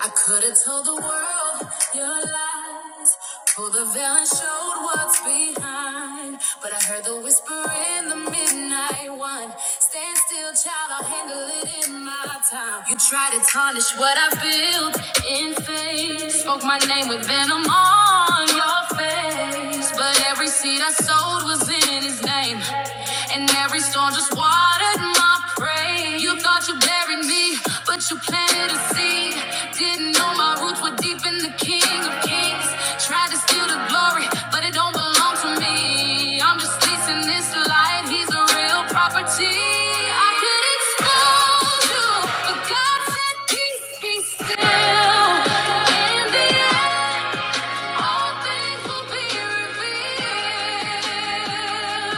I could have told the world your lies, pulled the veil and showed what's behind. But I heard the whisper in the midnight one. Stand still, child, I'll handle it in my time. You try to tarnish what I built in faith, spoke my name with venom on your face days, but every seed I sowed was in his name. And every storm just watered my praise. You thought you buried me, but you planted a seed. Didn't know my roots were deep in the King of Kings. Tried to steal the glory, but it don't belong to me. I'm just leasing this light. He's a real property. I could expose you, but God said peace be still. In the end, all things will be revealed.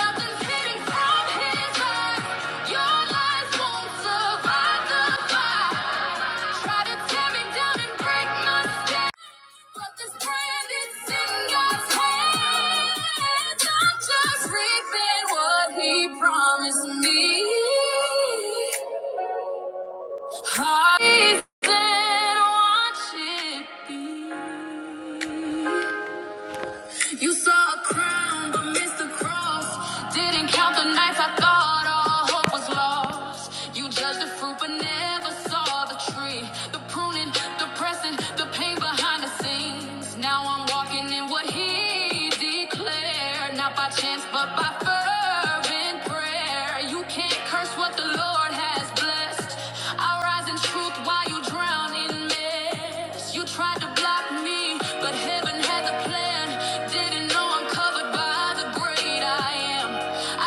Nothing's hidden from His eyes. Your lies won't survive the fire. Try to tear me down and break my stand, but this brand is in God's hands. I'm just reaping what He promised me. Heart is dead, watch it be. You saw a crown, but missed the cross. Didn't count the nights I thought all hope was lost. You judged the fruit, but never saw the tree. The pruning, the pressing, the pain behind the scenes. Now I'm walking in what He declared, not by chance, but by fervent prayer. You can't curse what the Lord has blessed. I rise in truth while you drown in mess yes. You tried to block me, but heaven had the plan. Didn't know I'm covered by the great I am.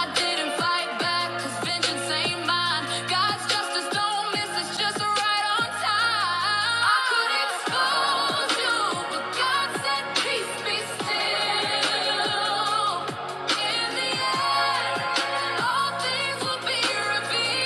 I didn't fight back, cause vengeance ain't mine. God's justice don't miss, it's just right on time. I could expose you, but God said, peace be still. In the end, all things will be revealed.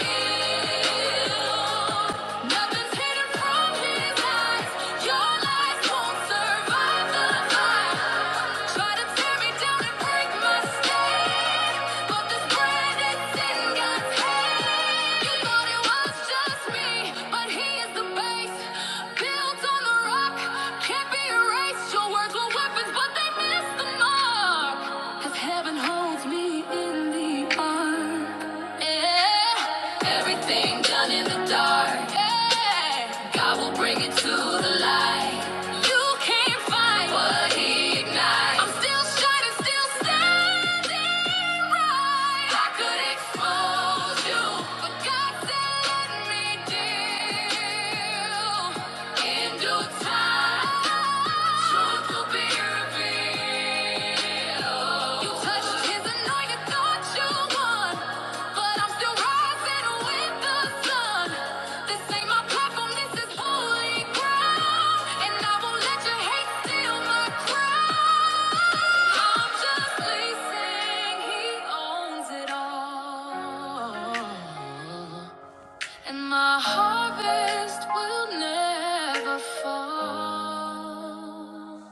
Can't be erased. Your words were weapons, but they missed the mark. Heaven holds me in the arms. Yeah. Everything done in the dark. Yeah. God will bring it to the light. You can't fight what he ignites. I'm still shining, still standing right. I could expose you, but God said, let me deal. In due time. And my harvest will never fall.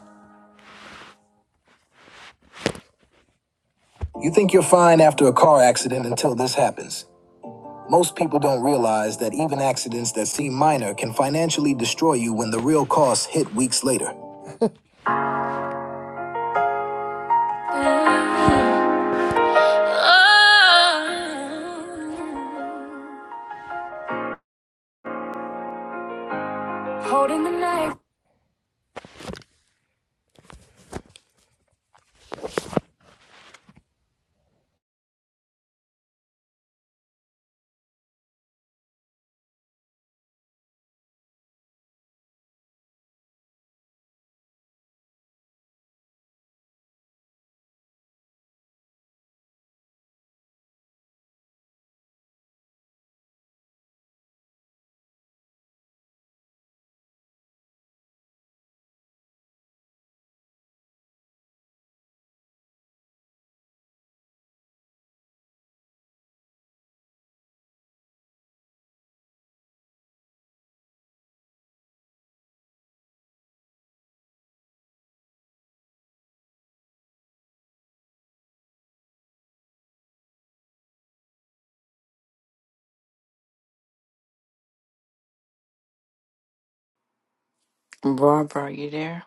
You think you're fine after a car accident until this happens. Most people don't realize that even accidents that seem minor can financially destroy you when the real costs hit weeks later. Holding the knife. Barbara, are you there?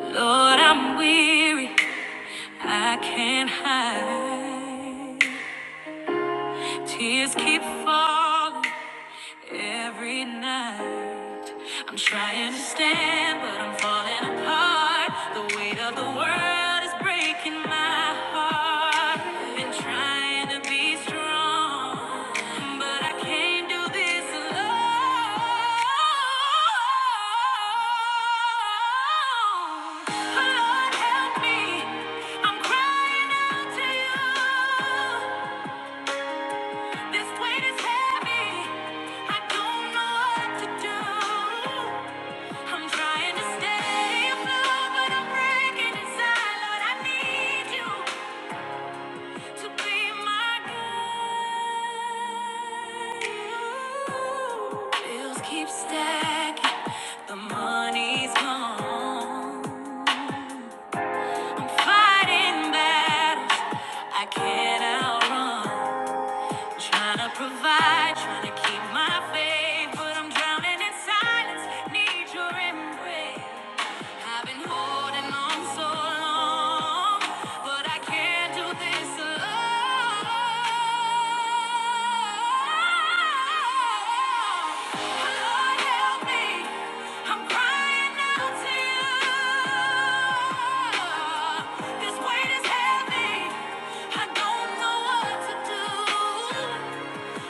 Lord, I'm weary. I can't hide. Tears keep falling. Every night I'm trying to stand, but I'm falling apart. The weight of the world is breaking my heart. I've Been trying to be strong, but I can't do this alone. Oh, Lord, help me. I'm crying out to you. This weight is heavy. I don't know what to do. I'm trying to stay afloat, but I'm breaking inside. Lord, I need you to be my guide. Bills keep stacking. The money's gone. I'm fighting battles I can't outrun. Trying to provide, trying to keep my faith, but I'm drowning in silence. Need your embrace. I've been holding on so long, but I can't do this alone. Lord, help me. I'm crying out to you. This weight is heavy. I don't know what to do.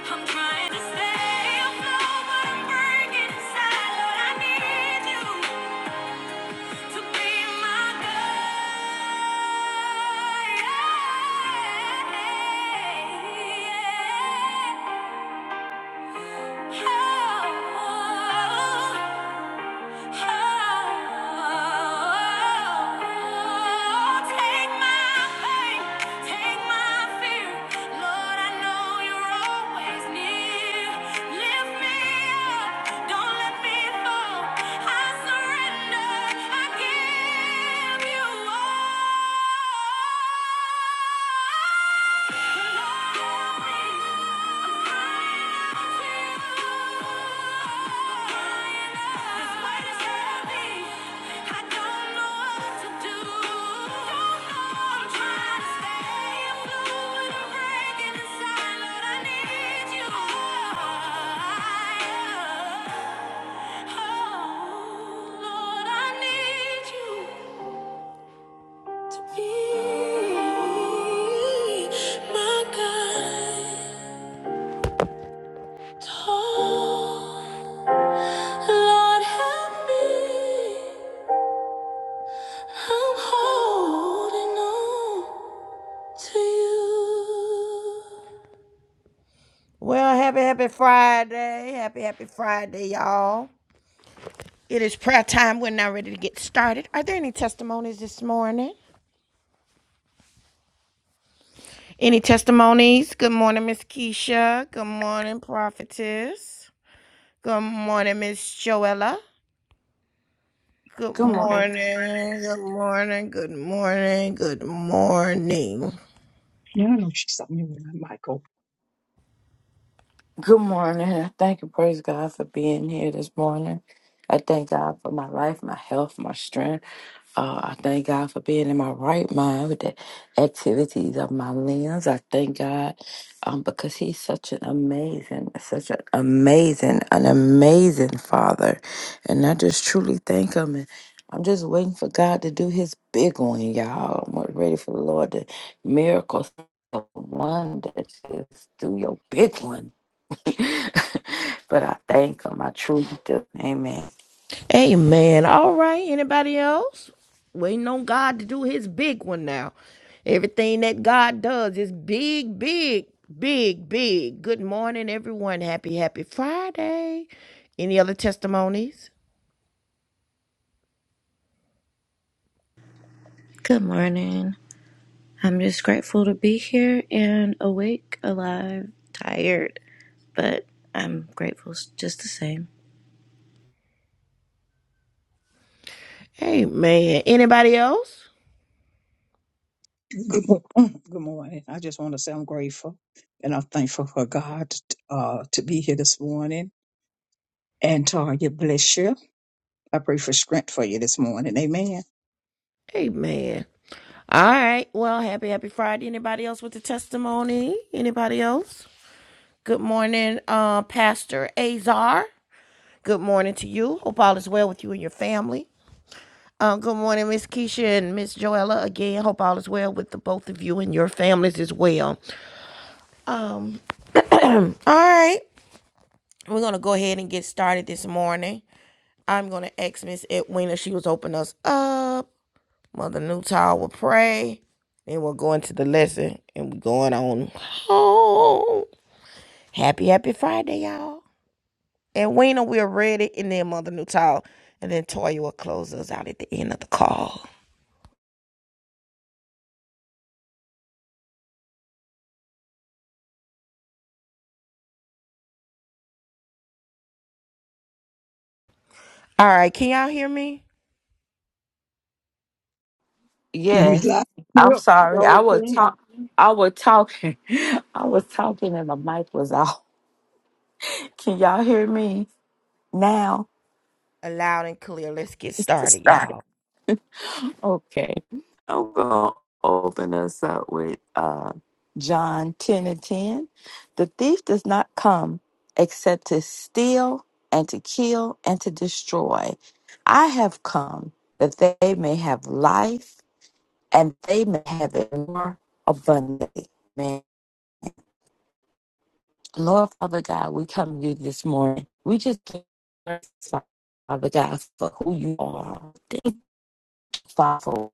I'm trying to stay afloat, but I'm breaking inside. Lord, I need you to be my guide. Yeah, yeah, yeah. I give you all. Oh, Lord, I need you to be my guide. Oh, Lord, help me. I'm holding on to you. Well, happy, happy Friday. Happy, happy Friday, y'all. It is prayer time. We're now ready to get started. Are there any testimonies this morning? Any testimonies? Good morning, Miss Keisha. Good morning, Prophetess. Good morning, Miss Joella. Good Good morning. morning. Good morning. Good morning. Good morning. Yeah, I know she's something you want, Michael. Good morning. I thank and praise God for being here this morning. I thank God for my life, my health, my strength. Uh, I thank God for being in my right mind with the activities of my limbs. I thank God um, because He's such an amazing, such an amazing, an amazing Father. And I just truly thank Him. And I'm just waiting for God to do His big one, y'all. I'm ready for the Lord to miracles, the wonders, just do your big one. but I thank Him. I truly do. Amen. Amen. All right. Anybody else? Waiting on God to do his big one now. Everything that God does is big, big, big, big. Good morning, everyone. Happy, happy Friday. Any other testimonies? Good morning. I'm just grateful to be here and awake, alive, tired, but I'm grateful s- just the same. Amen. Anybody else? Good, mo- good morning. I just want to say I'm grateful and I'm thankful for God uh, to be here this morning. And Target, bless you. I pray for strength for you this morning. Amen. Amen. All right. Well, happy, happy Friday. Anybody else with a testimony? Anybody else? Good morning, uh, Pastor Azar. Good morning to you. Hope all is well with you and your family. Um, good morning, Miss Keisha and Miss Joella. Again, hope all is well with the both of you and your families as well. Um, all right. We're gonna go ahead and get started this morning. I'm gonna ask Miss Edwina. She was opening us up. Mother Newtile will pray. Then we'll go into the lesson and we're going on home. Happy, happy Friday, y'all. And Weena will read it and then Mother Newtile. And then Toya will close us out at the end of the call. All right, can y'all hear me? You Yes, like I'm Yep. sorry. I so was can. talk. I was talking. I was talking, and the mic was off. Can y'all hear me now? Loud and clear. Let's get It's just started, started. y'all. Okay, I'm gonna open us up with uh, John ten and ten. The thief does not come except to steal and to kill and to destroy. I have come that they may have life, and they may have it more abundantly. Lord Father God, we come to you this morning. We just thank you, Father God for who you are, Father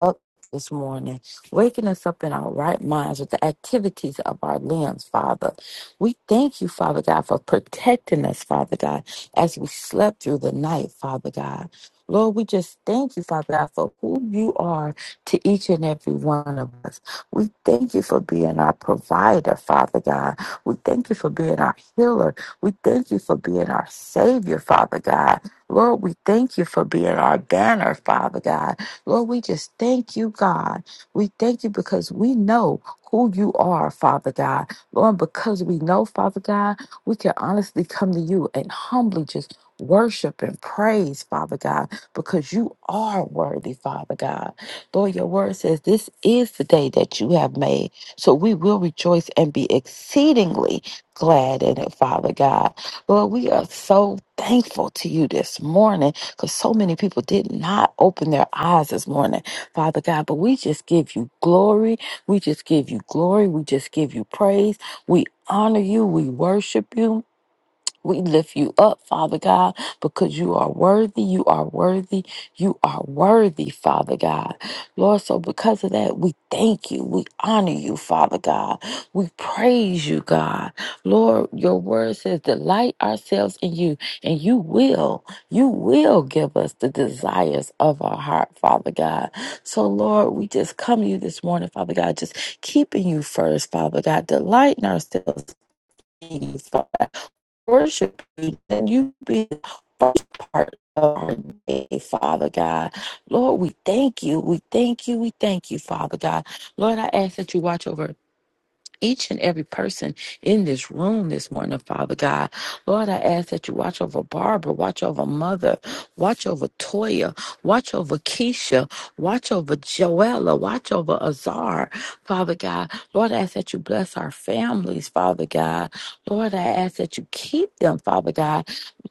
up this morning, waking us up in our right minds with the activities of our limbs, Father. We thank you, Father God, for protecting us, Father God, as we slept through the night, Father God. Lord, we just thank you, Father God, for who you are to each and every one of us. We thank you for being our provider, Father God. We thank you for being our healer. We thank you for being our savior, Father God. Lord, we thank you for being our banner, Father God. Lord, we just thank you, God. We thank you because we know who you are, Father God. Lord, because we know, Father God, we can honestly come to you and humbly just worship and praise, Father God, because you are worthy, Father God. Lord, your word says this is the day that you have made. So we will rejoice and be exceedingly glad in it, Father God. Lord, we are so thankful to you this morning because so many people did not open their eyes this morning, Father God. But we just give you glory. We just give you glory. We just give you praise. We honor you. We worship you. We lift you up, Father God, because you are worthy. You are worthy. You are worthy, Father God. Lord, so because of that, we thank you. We honor you, Father God. We praise you, God. Lord, your word says, delight ourselves in you, and you will, you will give us the desires of our heart, Father God. So, Lord, we just come to you this morning, Father God, just keeping you first, Father God, delighting ourselves. in you, Father worship you, and you be the first part of our day, Father God. Lord, we thank you. We thank you. We thank you, Father God. Lord, I ask that you watch over each and every person in this room this morning, Father God. Lord, I ask that you watch over Barbara, watch over Mother, watch over Toya, watch over Keisha, watch over Joella, watch over Azar, Father God. Lord, I ask that you bless our families, Father God. Lord, I ask that you keep them, Father God.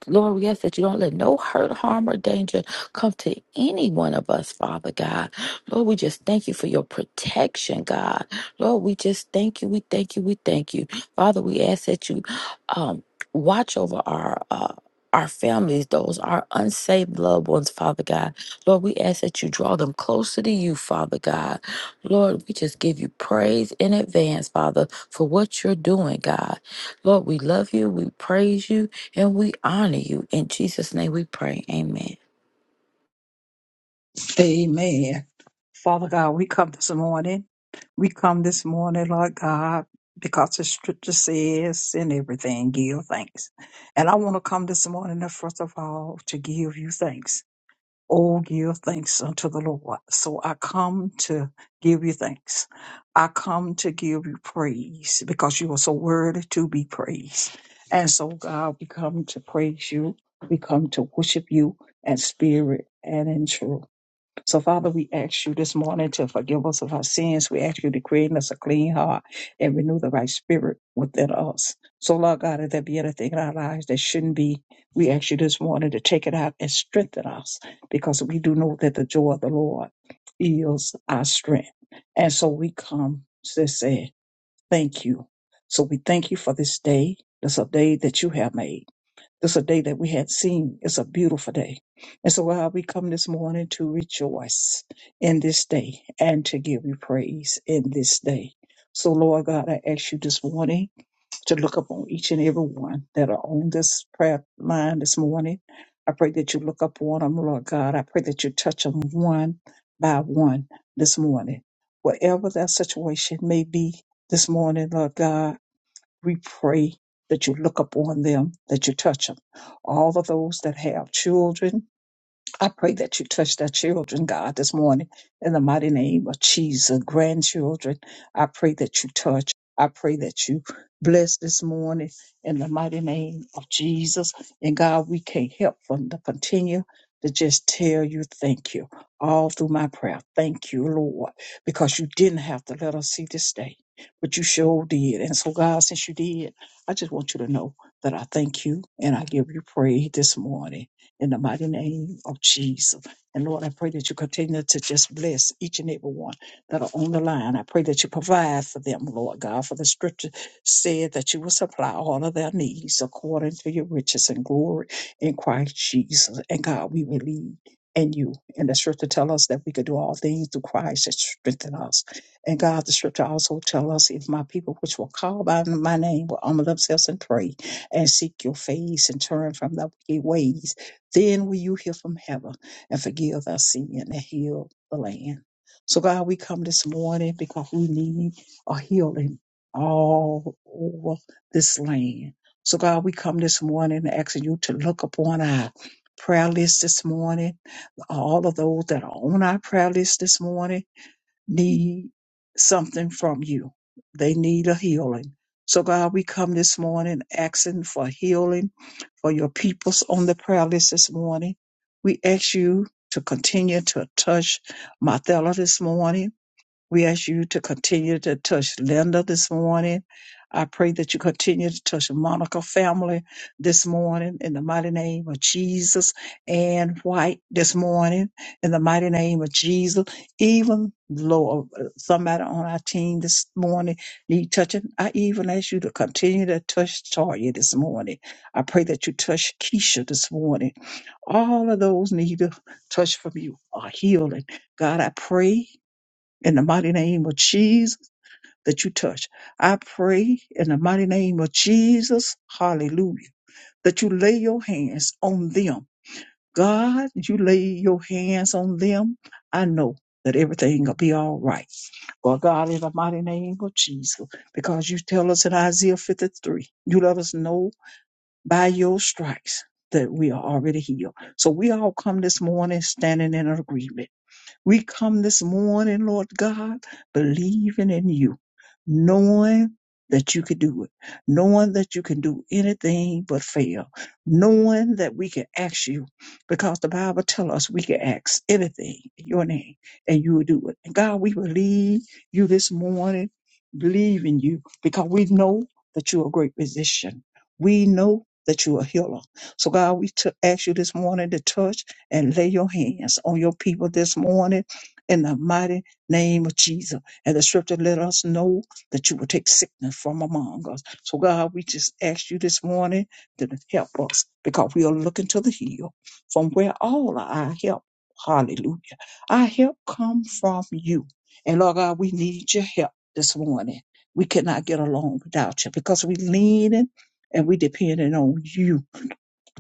Lord, we ask that you don't let no hurt, harm, or danger come to any one of us, Father God. Lord, we just thank you for your protection, God. Lord, we just thank you, we thank you, we thank you. Father, we ask that you um, watch over our. Uh, our families, those our unsaved loved ones, Father God. Lord, we ask that you draw them closer to you, Father God. Lord, we just give you praise in advance, Father, for what you're doing, God. Lord, we love you. We praise you. And we honor you. In Jesus' name we pray. Amen. Amen. Father God, we come this morning. We come this morning, Lord God, because the scripture says, in everything, give thanks. And I want to come this morning, uh, first of all, to give you thanks. Oh, give thanks unto the Lord. So I come to give you thanks. I come to give you praise because you are so worthy to be praised. And so, God, we come to praise you. We come to worship you in spirit and in truth. So, Father, we ask you this morning to forgive us of our sins. We ask you to create in us a clean heart and renew the right spirit within us. So, Lord God, if there be anything in our lives that shouldn't be, we ask you this morning to take it out and strengthen us because we do know that the joy of the Lord is our strength. And so we come to say thank you. So we thank you for this day, this a day that you have made. This is a day that we had seen. It's a beautiful day. And so, God, we come this morning to rejoice in this day and to give you praise in this day. So, Lord God, I ask you this morning to look upon each and every one that are on this prayer line this morning. I pray that you look upon them, Lord God. I pray that you touch them one by one this morning. Whatever their situation may be this morning, Lord God, we pray that you look upon them, that you touch them. All of those that have children, I pray that you touch their children, God, this morning in the mighty name of Jesus. Grandchildren, I pray that you touch. I pray that you bless this morning in the mighty name of Jesus. And God, we can't help but to continue to just tell you thank you all through my prayer. Thank you, Lord, because you didn't have to let us see this day, but you sure did. And so, God, since you did, I just want you to know that I thank you and I give you praise this morning in the mighty name of Jesus. And Lord, I pray that you continue to just bless each and every one that are on the line. I pray that you provide for them, Lord God, for the scripture said that you will supply all of their needs according to your riches and glory in Christ Jesus. And God, we believe in you. And the scripture tell us that we could do all things through Christ that strengthen us. And God, the scripture also tell us, if my people which were called by my name will humble themselves and pray and seek your face and turn from their wicked ways, then will you hear from heaven and forgive our sin and heal the land. So, God, we come this morning because we need a healing all over this land. So, God, we come this morning asking you to look upon our prayer list this morning. All of those that are on our prayer list this morning need something from you, they need a healing. So, God, we come this morning asking for healing for your peoples on the prayer list this morning. We ask you to continue to touch Martella this morning. We ask you to continue to touch Linda this morning. I pray that you continue to touch the Monica family this morning in the mighty name of Jesus and White this morning in the mighty name of Jesus. Even Lord, somebody on our team this morning need touching. I even ask you to continue to touch Tanya this morning. I pray that you touch Keisha this morning. All of those need a touch from you, a healing. God, I pray in the mighty name of Jesus that you touch. I pray in the mighty name of Jesus, hallelujah, that you lay your hands on them. God, you lay your hands on them. I know that everything will be all right. Well, God, in the mighty name of Jesus, because you tell us in Isaiah 53, you let us know by your stripes that we are already healed. So we all come this morning standing in agreement we come this morning, Lord God, believing in you, knowing that you can do it, knowing that you can do anything but fail, knowing that we can ask you, because the Bible tells us we can ask anything in your name and you will do it. And God, we believe you this morning, believe in you, because we know that you're a great physician. We know that you're a healer. So God, we t- ask you this morning to touch and lay your hands on your people this morning in the mighty name of Jesus. And the scripture let us know that you will take sickness from among us. So, God, we just ask you this morning to help us because we are looking to the hill from where all our help, hallelujah, our help come from you. And Lord God, we need your help this morning. We cannot get along without you because we leaning and we depending on you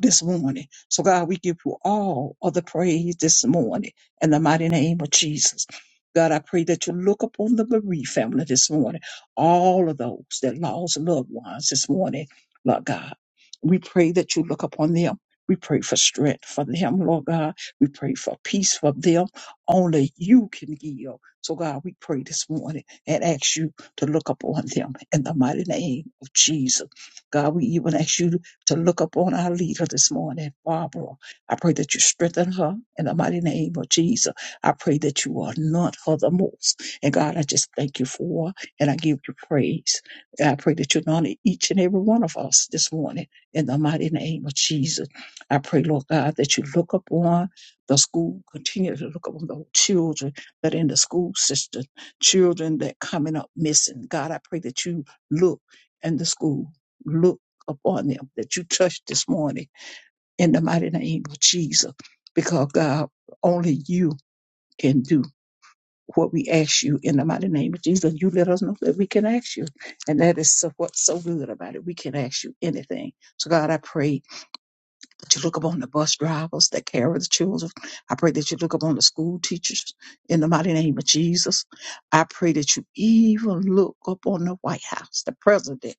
this morning. So, God, we give you all of the praise this morning in the mighty name of Jesus. God, I pray that you look upon the bereaved family this morning, all of those that lost loved ones this morning, Lord God. We pray that you look upon them. We pray for strength for them, Lord God. We pray for peace for them. Only you can give. So, God, we pray this morning and ask you to look upon them in the mighty name of Jesus. God, we even ask you to look upon our leader this morning, Barbara. I pray that you strengthen her in the mighty name of Jesus. I pray that you anoint her the most. And God, I just thank you for her and I give you praise. And I pray that you anoint each and every one of us this morning in the mighty name of Jesus. I pray, Lord God, that you look upon the school, continue to look upon the children that are in the school system, children that coming up missing. God, I pray that you look in the school. Look upon them that you touch this morning in the mighty name of Jesus. Because God, only you can do what we ask you in the mighty name of Jesus. You let us know that we can ask you. And that is so, what's so good about it. We can ask you anything. So God, I pray that you look upon the bus drivers that carry the children. I pray that you look upon the school teachers in the mighty name of Jesus. I pray that you even look upon the White House, the president.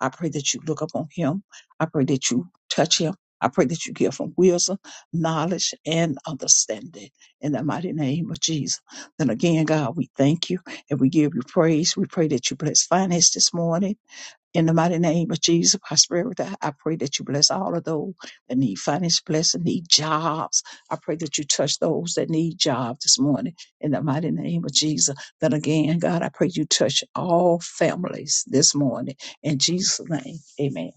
I pray that you look upon him. I pray that you touch him. I pray that you give him wisdom, knowledge, and understanding in the mighty name of Jesus. Then again, God, we thank you and we give you praise. We pray that you bless finance this morning. In the mighty name of Jesus, prosperity, I pray that you bless all of those that need financial blessing, need jobs. I pray that you touch those that need jobs this morning. In the mighty name of Jesus. Then again, God, I pray you touch all families this morning. In Jesus' name, amen.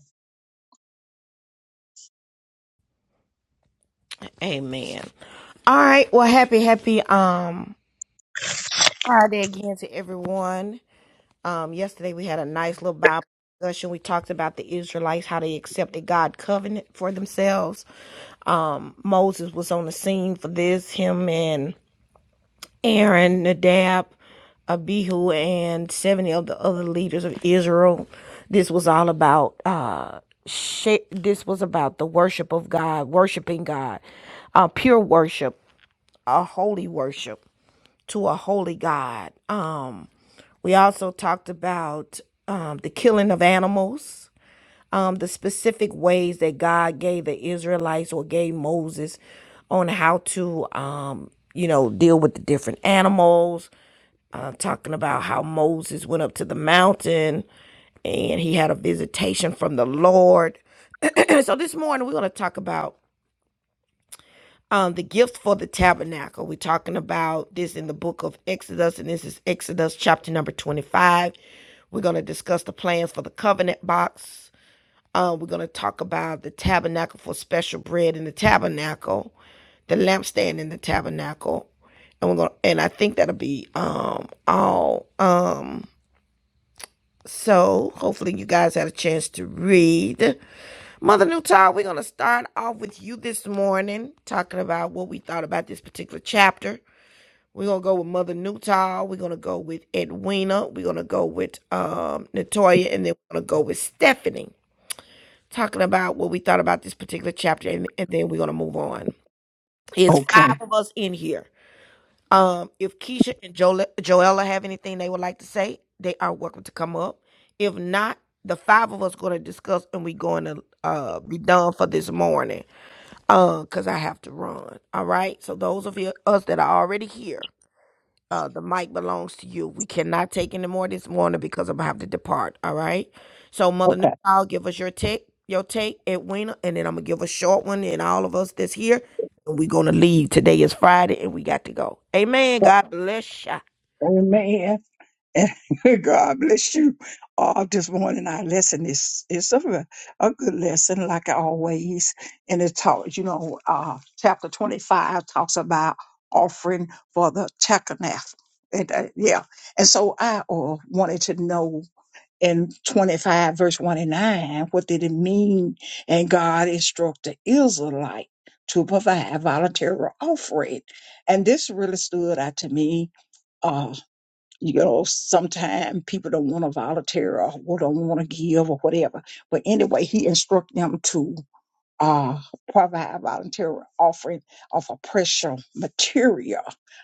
Amen. All right. Well, happy, happy um Friday again to everyone. Um, yesterday we had a nice little Bible discussion. We talked about the Israelites, how they accepted God covenant for themselves. Um, Moses was on the scene for this. Him and Aaron, Nadab, Abihu, and seventy of the other leaders of Israel. This was all about. Uh, sha- this was about the worship of God, worshiping God, uh, pure worship, a holy worship to a holy God. Um, we also talked about um, the killing of animals, um, the specific ways that God gave the Israelites or gave Moses on how to, um, you know, deal with the different animals. Uh, talking about how Moses went up to the mountain and he had a visitation from the Lord. so this morning we're going to talk about um, the gifts for the tabernacle. We're talking about this in the book of Exodus, and this is Exodus chapter number 25. We're going to discuss the plans for the covenant box. Uh, we're going to talk about the tabernacle for special bread in the tabernacle, the lampstand in the tabernacle, and we're going and I think that'll be um all um so hopefully you guys had a chance to read. Mother Newtile, we're going to start off with you this morning, talking about what we thought about this particular chapter. We're going to go with Mother Newtile. We're going to go with Edwina. We're going to go with um, Natoya. And then we're going to go with Stephanie, talking about what we thought about this particular chapter. And, and then we're going to move on. It's Okay, five of us in here. Um, if Keisha and Joel- Joella have anything they would like to say, they are welcome to come up. If not, the five of us going to discuss and we're going to uh, be done for this morning uh, cause I have to run. All right. So those of you us that are already here, uh, the mic belongs to you. We cannot take any more this morning because I'm gonna have to depart. All right. So Mother New okay. give us your take, your take, Edwina, and then I'm gonna give a short one, and all of us that's here, and we're gonna leave. Today is Friday, and we got to go. Amen. So, God bless ya. amen. And God bless you all this morning. Our lesson is is a, a good lesson, like always. And it talks, you know, uh, chapter 25 talks about offering for the Tekanaf. And uh, yeah, and so I uh, wanted to know in 25 verse 1 and 9, what did it mean? And God instructed Israelite to provide voluntary offering. And this really stood out to me uh, you know, sometimes people don't want to volunteer or who don't want to give or whatever. But anyway, he instructed them to uh, provide volunteer offering of a precious material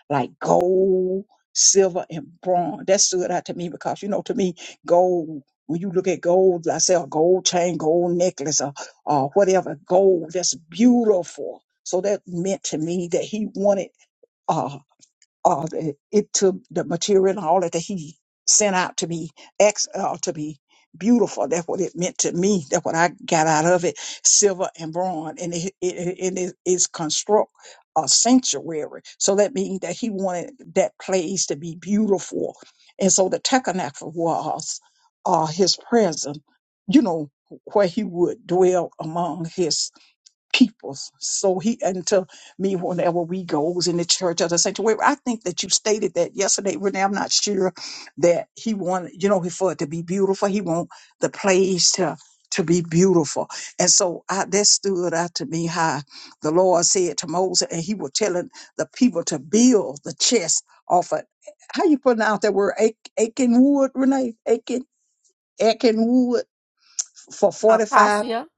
like gold, silver, and bronze. That stood out to me because, you know, to me, gold. When you look at gold, like I say a gold chain, gold necklace, or, or whatever, gold, that's beautiful. So that meant to me that he wanted uh, uh, the- it took the material and all that he sent out to be ex uh, to be beautiful. That's what it meant to me. That's what I got out of it: silver and bronze, and it it, it is is construct a sanctuary. So that means that he wanted that place to be beautiful, and so the tabernacle was uh, his presence. You know where he would dwell among his peoples. So he and me whenever we goes in the church or the sanctuary, I think that you stated that yesterday, Renee. I'm not sure that he wanted, you know, for it to be beautiful. He want the place to to be beautiful. And so I, that stood out to me how the Lord said to Moses, and he was telling the people to build the chest off of how you pronounce that word Ach- Aiken wood, Renee? Aiken Aiken wood for forty five. Acacia.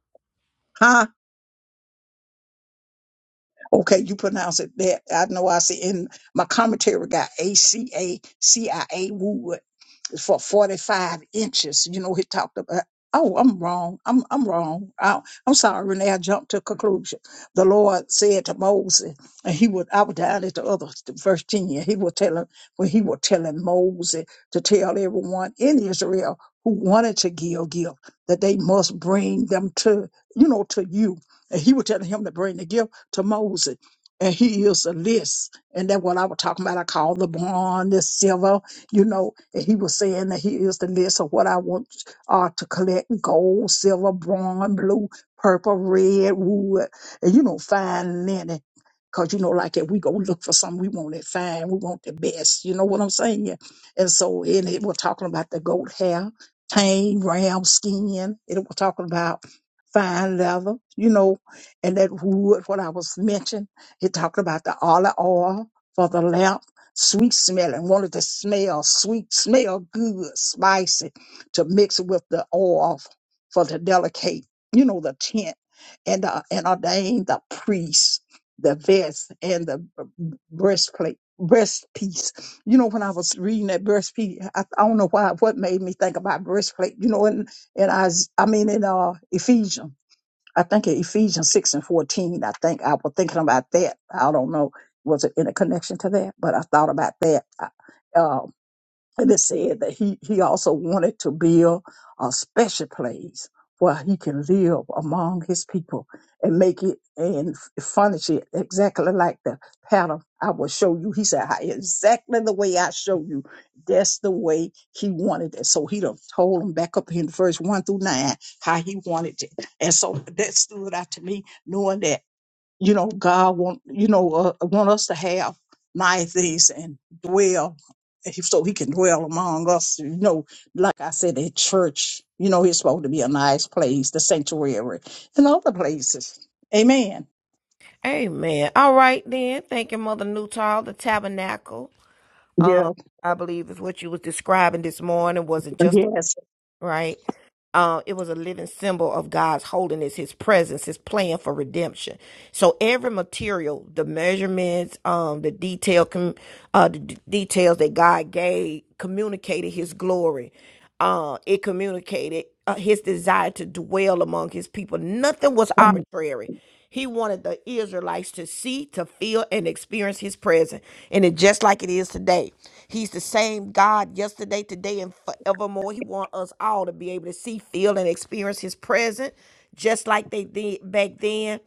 Huh? Okay, you pronounce it that. I know I see in my commentary got A C A C I A Wood for 45 inches. You know, he talked about, oh, I'm wrong. I'm, I'm wrong. I, I'm sorry, Renee, I jumped to a conclusion. The Lord said to Moses, and he would, I was down at the other, verse 10, he would tell him, when he was telling Moses to tell everyone in Israel who wanted to give, give, that they must bring them to, you know, to you. And he was telling him to bring the gift to Moses. And he used a list. And that's what I was talking about. I call the bronze the silver, you know, and he was saying that he is the list of what I want uh, to collect gold, silver, bronze, blue, purple, red, wood, and you know, fine linen. Cause you know, like if we go look for something, we want it fine, we want the best. You know what I'm saying? And so, and it was talking about the goat hair, tame ram skin. It was talking about fine leather, you know, and that wood. What I was mentioning, it talked about the olive oil for the lamp sweet smelling, wanted to smell sweet, smell good, spicy, to mix with the oil for the delicate, you know, the tent, and uh, and ordained the priest, the vest, and the b- breastplate. Breast piece, you know. When I was reading that breast piece, I, I don't know why what made me think about breastplate. You know, and and I, I mean in uh Ephesians I think in Ephesians 6 and 14, I think I was thinking about that. I don't know, was it in a connection to that? But I thought about that. And it said that he, he also wanted to build a special place where he can live among his people and make it and f- furnish it exactly like the pattern I will show you. He said, "How- exactly the way I show you. That's the way he wanted it. So he done told him back up in verse one through nine how he wanted it. And so that stood out to me knowing that you know god want you know uh, want us to have niceties and dwell so he can dwell among us you know like i said at church you know it's supposed to be a nice place the sanctuary and other places amen Amen. All right then. Thank you, Mother Newtall, the tabernacle. Um, yeah I believe is what you was describing this morning. Was it just yes right? Uh, it was a living symbol of God's holiness, His presence, His plan for redemption. So every material, the measurements, um, the detail, uh, the d- details that God gave communicated His glory. Uh, it communicated uh, His desire to dwell among His people. Nothing was arbitrary. He wanted the Israelites to see, to feel, and experience His presence, and it just like it is today. He's the same God yesterday, today, and forevermore. He wants us all to be able to see, feel, and experience His presence, just like they did back then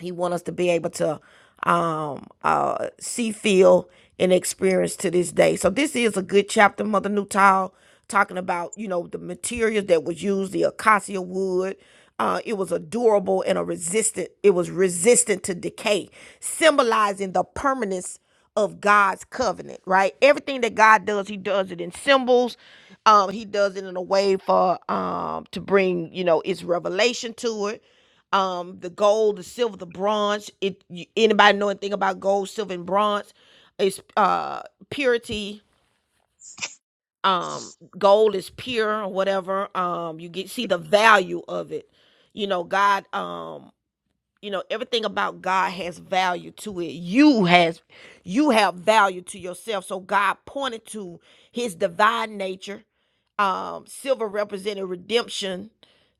he wants us to be able to um, uh, see, feel, and experience to this day. So this is a good chapter, Mother Newtile, talking about you know the materials that was used, the acacia wood. Uh, it was a durable and a resistant. It was resistant to decay, symbolizing the permanence of God's covenant, right? Everything that God does, He does it in symbols. Um, he does it in a way for um to bring, you know, its revelation to it um the gold the silver the bronze it you, anybody know anything about gold silver and bronze it's uh purity um gold is pure or whatever um you get see the value of it you know god um you know everything about god has value to it you has you have value to yourself so god pointed to his divine nature um silver represented redemption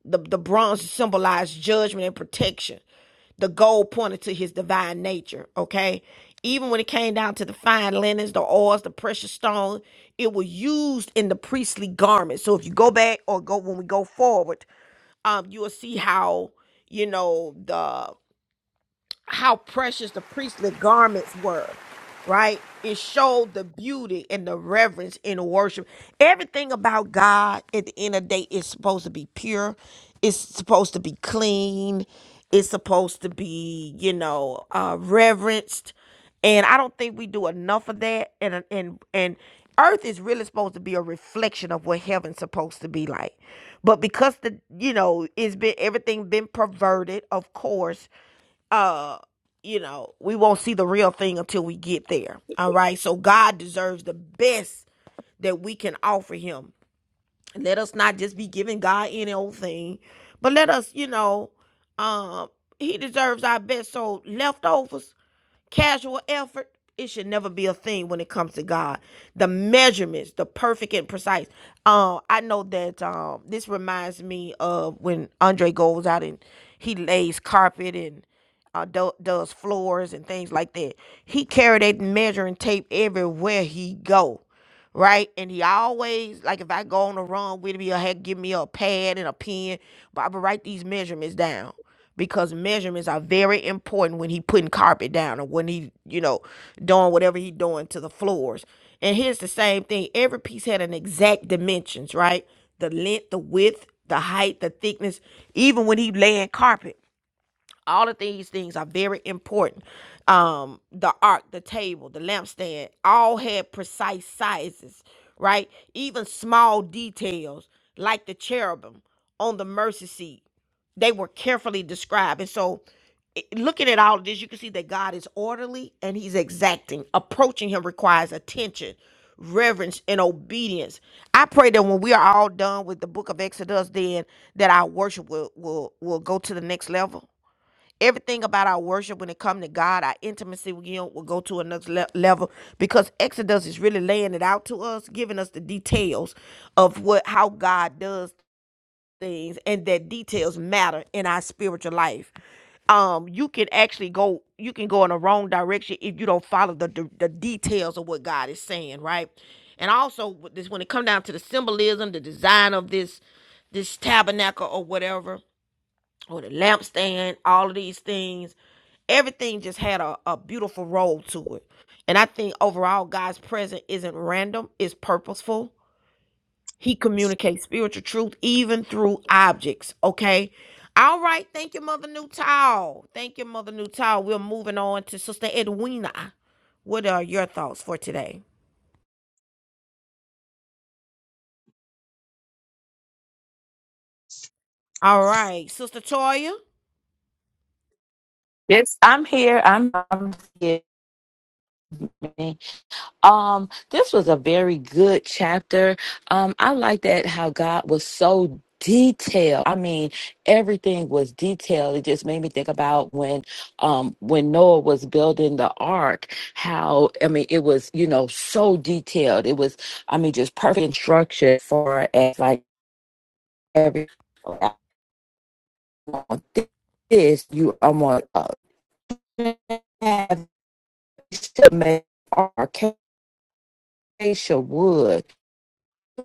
the, the bronze symbolized judgment and protection the gold pointed to his divine nature okay even when it came down to the fine linens the oils the precious stone it was used in the priestly garment so if you go back or go when we go forward um you will see how you know the how precious the priestly garments were, right? It showed the beauty and the reverence in the worship. Everything about God at the end of the day is supposed to be pure. It's supposed to be clean. It's supposed to be, you know, uh, reverenced. And I don't think we do enough of that. And and and earth is really supposed to be a reflection of what heaven's supposed to be like. But because the you know, it's been everything been perverted, of course, uh you know we won't see the real thing until we get there all right so god deserves the best that we can offer him And let us not just be giving god any old thing but let us you know um uh, he deserves our best so leftovers Casual effort, it should never be a thing when it comes to God. The measurements, the perfect and precise. Um, I know that um this reminds me of when Andre goes out and he lays carpet and uh, do- does floors and things like that. He carried that measuring tape everywhere he go right? And he always like if I go on a run with me, he'll have, give me a pad and a pen. But I would write these measurements down because measurements are very important when he putting carpet down or when he, you know, doing whatever he doing to the floors. And here's the same thing. Every piece had an exact dimensions, right? The length, the width, the height, the thickness, even when he laying carpet. All of these things are very important. Um, the ark, the table, the lampstand, all had precise sizes, right? Even small details like the cherubim on the mercy seat, they were carefully described. And so, i- looking at all of this, you can see that God is orderly and He's exacting. Approaching Him requires attention, reverence, and obedience. I pray that when we are all done with the Book of Exodus, then that our worship will will will go to the next level everything about our worship when it comes to God, our intimacy with Him will go to another le- level because Exodus is really laying it out to us, giving us the details of what how God does things, and that details matter in our spiritual life. Um, you can actually go you can go in the wrong direction if you don't follow the the, the details of what God is saying, right? And also, with this when it comes down to the symbolism, the design of this this tabernacle or whatever or the lampstand, all of these things. Everything just had a, a beautiful role to it. And I think overall, God's presence isn't random, it's purposeful. He communicates spiritual truth even through objects, okay? All right, thank you, Mother Newtall. Thank you, Mother Newtall. We're moving on to Sister Edwina. What are your thoughts for today? All right, Sister Toya. Yes, I'm here. I'm, I'm here. Um, this was a very good chapter. Um, I like that how God was so detailed. I mean, everything was detailed. It just made me think about when um when Noah was building the ark, how I mean it was, you know, so detailed. It was, I mean, just perfect instruction for as like every this you I'm on. have to make arcacia wood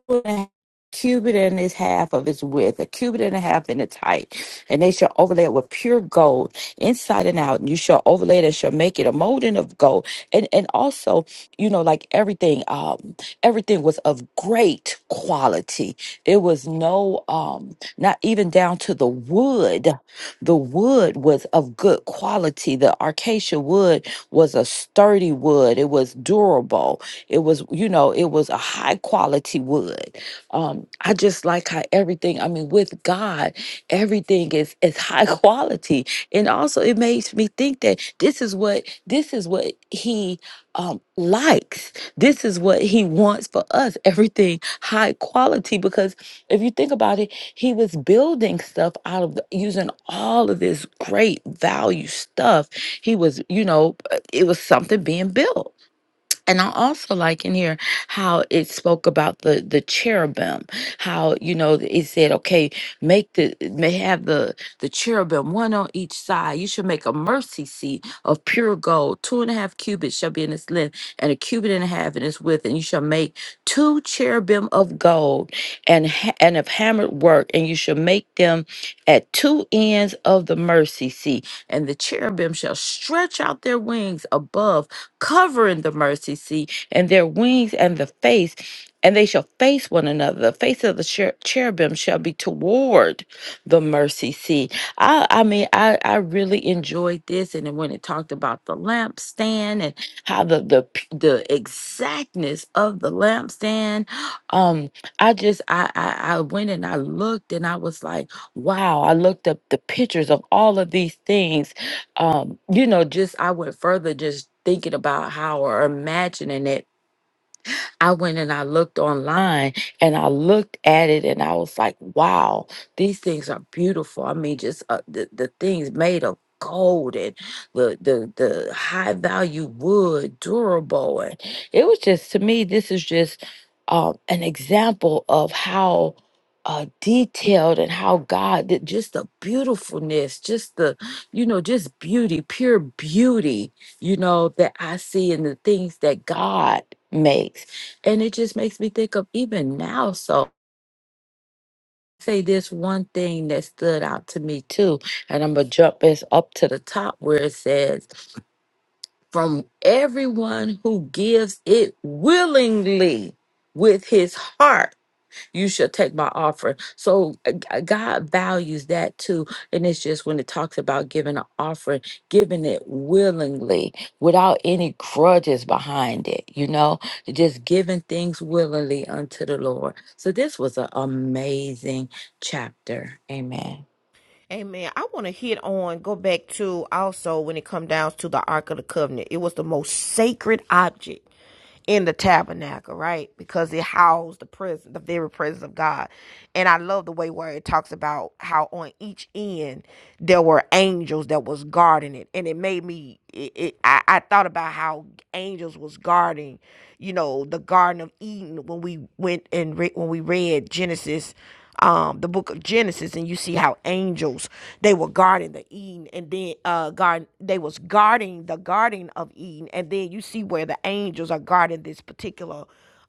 a cubit and its half of its width, a cubit and a half in its height, and they shall overlay it with pure gold inside and out. And you shall overlay it and shall make it a molding of gold. And and also, you know, like everything, um, everything was of great quality. It was no um not even down to the wood. The wood was of good quality. The acacia wood was a sturdy wood. It was durable it was, you know, it was a high quality wood. Um, I just like how everything, I mean, with God, everything is is high quality. And also it makes me think that this is what this is what he um likes. This is what he wants for us. Everything high quality. Because if you think about it, he was building stuff out of the, using all of this great value stuff. He was, you know, uh, it was something being built and I also like in here how it spoke about the the cherubim, how you know it said, okay, make the may have the the cherubim one on each side. You should make a mercy seat of pure gold, two and a half cubits shall be in its length, and a cubit and a half in its width, and you shall make two cherubim of gold and ha- and of hammered work, and you shall make them at two ends of the mercy seat, and the cherubim shall stretch out their wings above covering the mercy seat and their wings and the face, and they shall face one another. The face of the cher- cherubim shall be toward the mercy seat. I, I mean, I, I really enjoyed this, and then when it talked about the lampstand and how the the p- the exactness of the lampstand, um, I just I, I I went and I looked, and I was like, wow. I looked up the pictures of all of these things um, you know, just I went further just thinking about how or imagining it I went and I looked online and I looked at it and I was like, wow, these things are beautiful. I mean, just uh, the, the things made of gold and the, the the high value wood durable and it was just to me this is just um an example of how uh detailed and how god did just the beautifulness just the you know just beauty pure beauty you know that i see in the things that god makes and it just makes me think of even now. So say this one thing that stood out to me too, and I'm gonna jump this up to the top where it says, "From everyone who gives it willingly with his heart." you shall take my offering. So uh, g- uh, God values that too. And it's just when it talks about giving an offering, giving it willingly without any grudges behind it, you know, just giving things willingly unto the Lord. So this was an amazing chapter. Amen. Amen. I want to hit on, go back to also when it come down to the Ark of the Covenant. It was the most sacred object in the tabernacle, right? Because it housed the presence, the very presence of God. And I love the way where it talks about how on each end there were angels that was guarding it. And it made me, it, it, I, I thought about how angels was guarding, you know, the Garden of Eden when we went and re- when we read Genesis um, the book of Genesis, and you see how angels they were guarding the Eden, and then uh, guard they was guarding the garden of Eden, and then you see where the angels are guarding this particular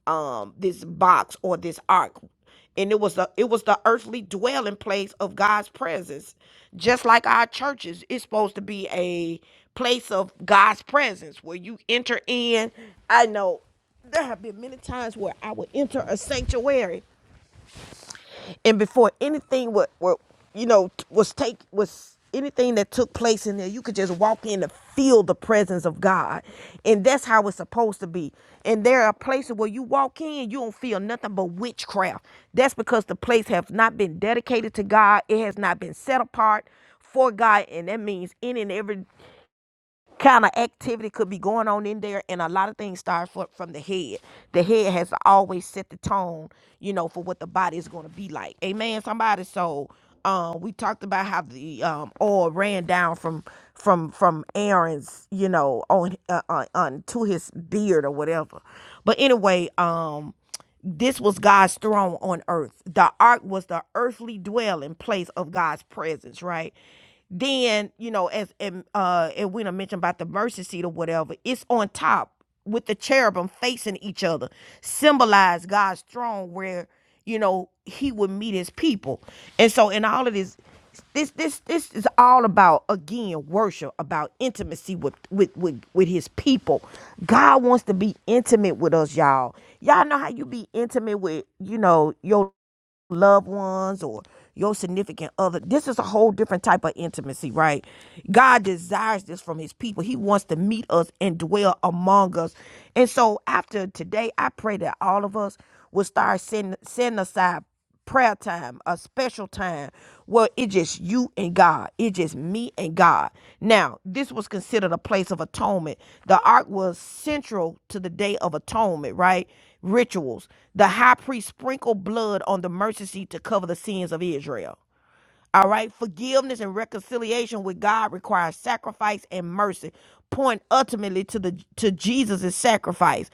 um this box or this ark and it was the it was the earthly dwelling place of God's presence. Just like our churches, it's supposed to be a place of God's presence where you enter in. I know there have been many times where I would enter a sanctuary and before anything what what you know was take was anything that took place in there you could just walk in and feel the presence of god and that's how it's supposed to be and there are places where you walk in you don't feel nothing but witchcraft that's because the place has not been dedicated to god it has not been set apart for god and that means any and every kind of activity could be going on in there and a lot of things start fro- from the head the head has to always set the tone you know for what the body is going to be like amen somebody so um we talked about how the um oil ran down from from from aaron's you know on uh, on, on to his beard or whatever but anyway um this was God's throne on earth. The ark was the earthly dwelling place of God's presence, right? Then, you know, as and uh and when I mentioned about the mercy seat or whatever, it's on top with the cherubim facing each other, symbolize God's throne where, you know, he would meet his people. And so in all of this this this this is all about again worship about intimacy with with with, with his people god wants to be intimate with us y'all y'all know how you be intimate with you know your loved ones or your significant other. This is a whole different type of intimacy, right? God desires this from his people. He wants to meet us and dwell among us. And so after today, I pray that all of us will start setting, setting aside prayer time, a special time where it's just you and God. It's just me and God. Now, this was considered a place of atonement. The ark was central to the day of atonement, right? rituals, the high priest sprinkled blood on the mercy seat to cover the sins of Israel. All right, forgiveness and reconciliation with God requires sacrifice and mercy, point ultimately to the to Jesus' sacrifice,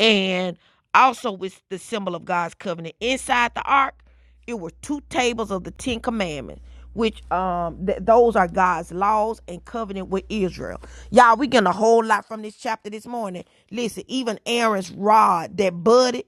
and also with the symbol of God's covenant inside the ark. It were two tables of the Ten Commandments, which um th- those are God's laws and covenant with Israel. Y'all, we getting a whole lot from this chapter this morning. Listen, even Aaron's rod that budded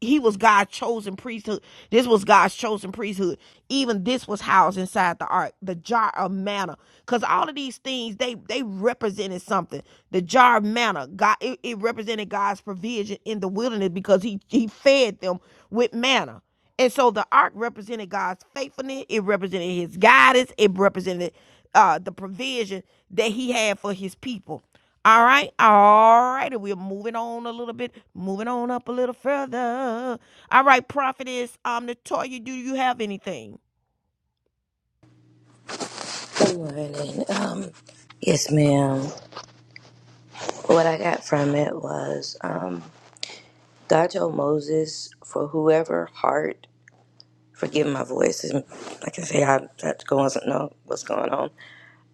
he was God's chosen priesthood. This was God's chosen priesthood. Even this was housed inside the ark, the jar of manna. Because all of these things, they they represented something. The jar of manna, God, it, it represented God's provision in the wilderness because he he fed them with manna. And so the ark represented God's faithfulness. It represented His guidance. It represented uh, the provision that He had for His people. All right, all right. We're moving on a little bit, moving on up a little further. All right, prophetess, um, Natoya, do you have anything? Good morning. Um, yes, ma'am. What I got from it was um, God told Moses, for whoever heart, forgive my voice. and Like I say, I that doesn't know what's going on.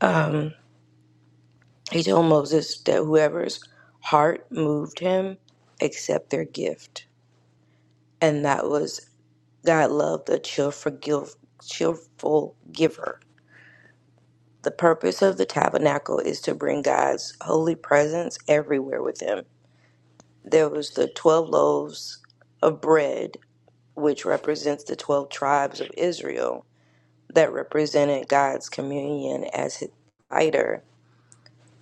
Um, he told Moses that whoever's heart moved him, accept their gift. And that was God loved a cheerful, give, cheerful giver. The purpose of the tabernacle is to bring God's holy presence everywhere with him. There was the 12 loaves of bread, which represents the 12 tribes of Israel, that represented God's communion as his provider.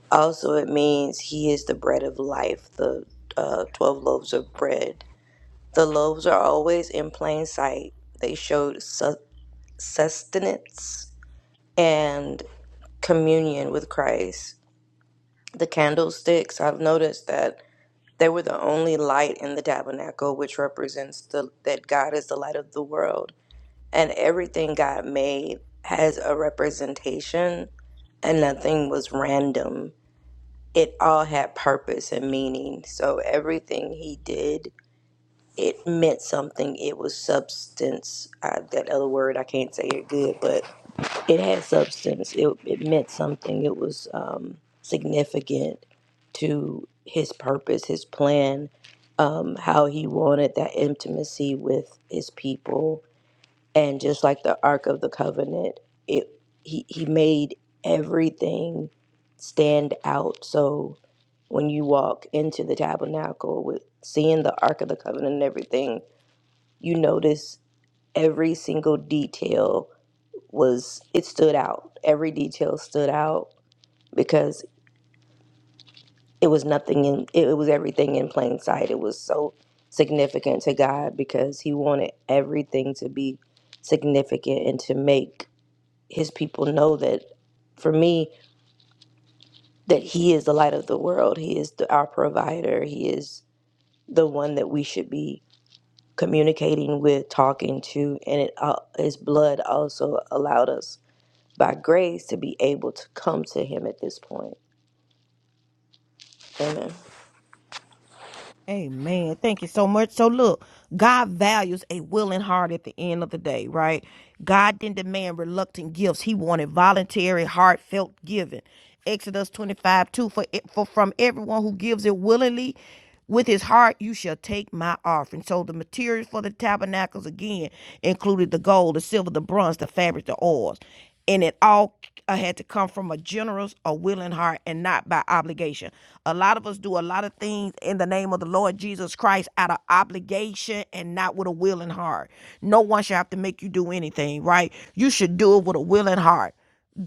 Also, it means he is the bread of life, the uh, 12 loaves of bread. The loaves are always in plain sight, they showed su- sustenance and communion with Christ. The candlesticks, I've noticed that they were the only light in the tabernacle, which represents the that God is the light of the world. And everything God made has a representation and nothing was random. It all had purpose and meaning. So everything he did, it meant something. It was substance. Uh, that other word, I can't say it good, but. it had substance. It it meant something. It was um, significant to his purpose, his plan, um, how he wanted that intimacy with his people, and just like the Ark of the Covenant, it he he made everything stand out. So when you walk into the tabernacle with seeing the Ark of the Covenant and everything, you notice every single detail was it stood out. Every detail stood out because it was nothing in it, it was everything in plain sight. It was so significant to God because he wanted everything to be significant and to make his people know that for me that he is the light of the world. He is the, our provider. He is the one that we should be communicating with, talking to, and it uh, his blood also allowed us by grace to be able to come to him at this point Amen. Amen. Thank you so much. So look, God values a willing heart at the end of the day, right? God didn't demand reluctant gifts. He wanted voluntary, heartfelt giving. Exodus 25, 2, for, it, for from everyone who gives it willingly with his heart, you shall take my offering. So the materials for the tabernacles, again, included the gold, the silver, the bronze, the fabric, the oils and it all uh, had to come from a generous or willing heart and not by obligation. A lot of us do a lot of things in the name of the Lord Jesus Christ out of obligation and not with a willing heart. No one should have to make you do anything, right? You should do it with a willing heart.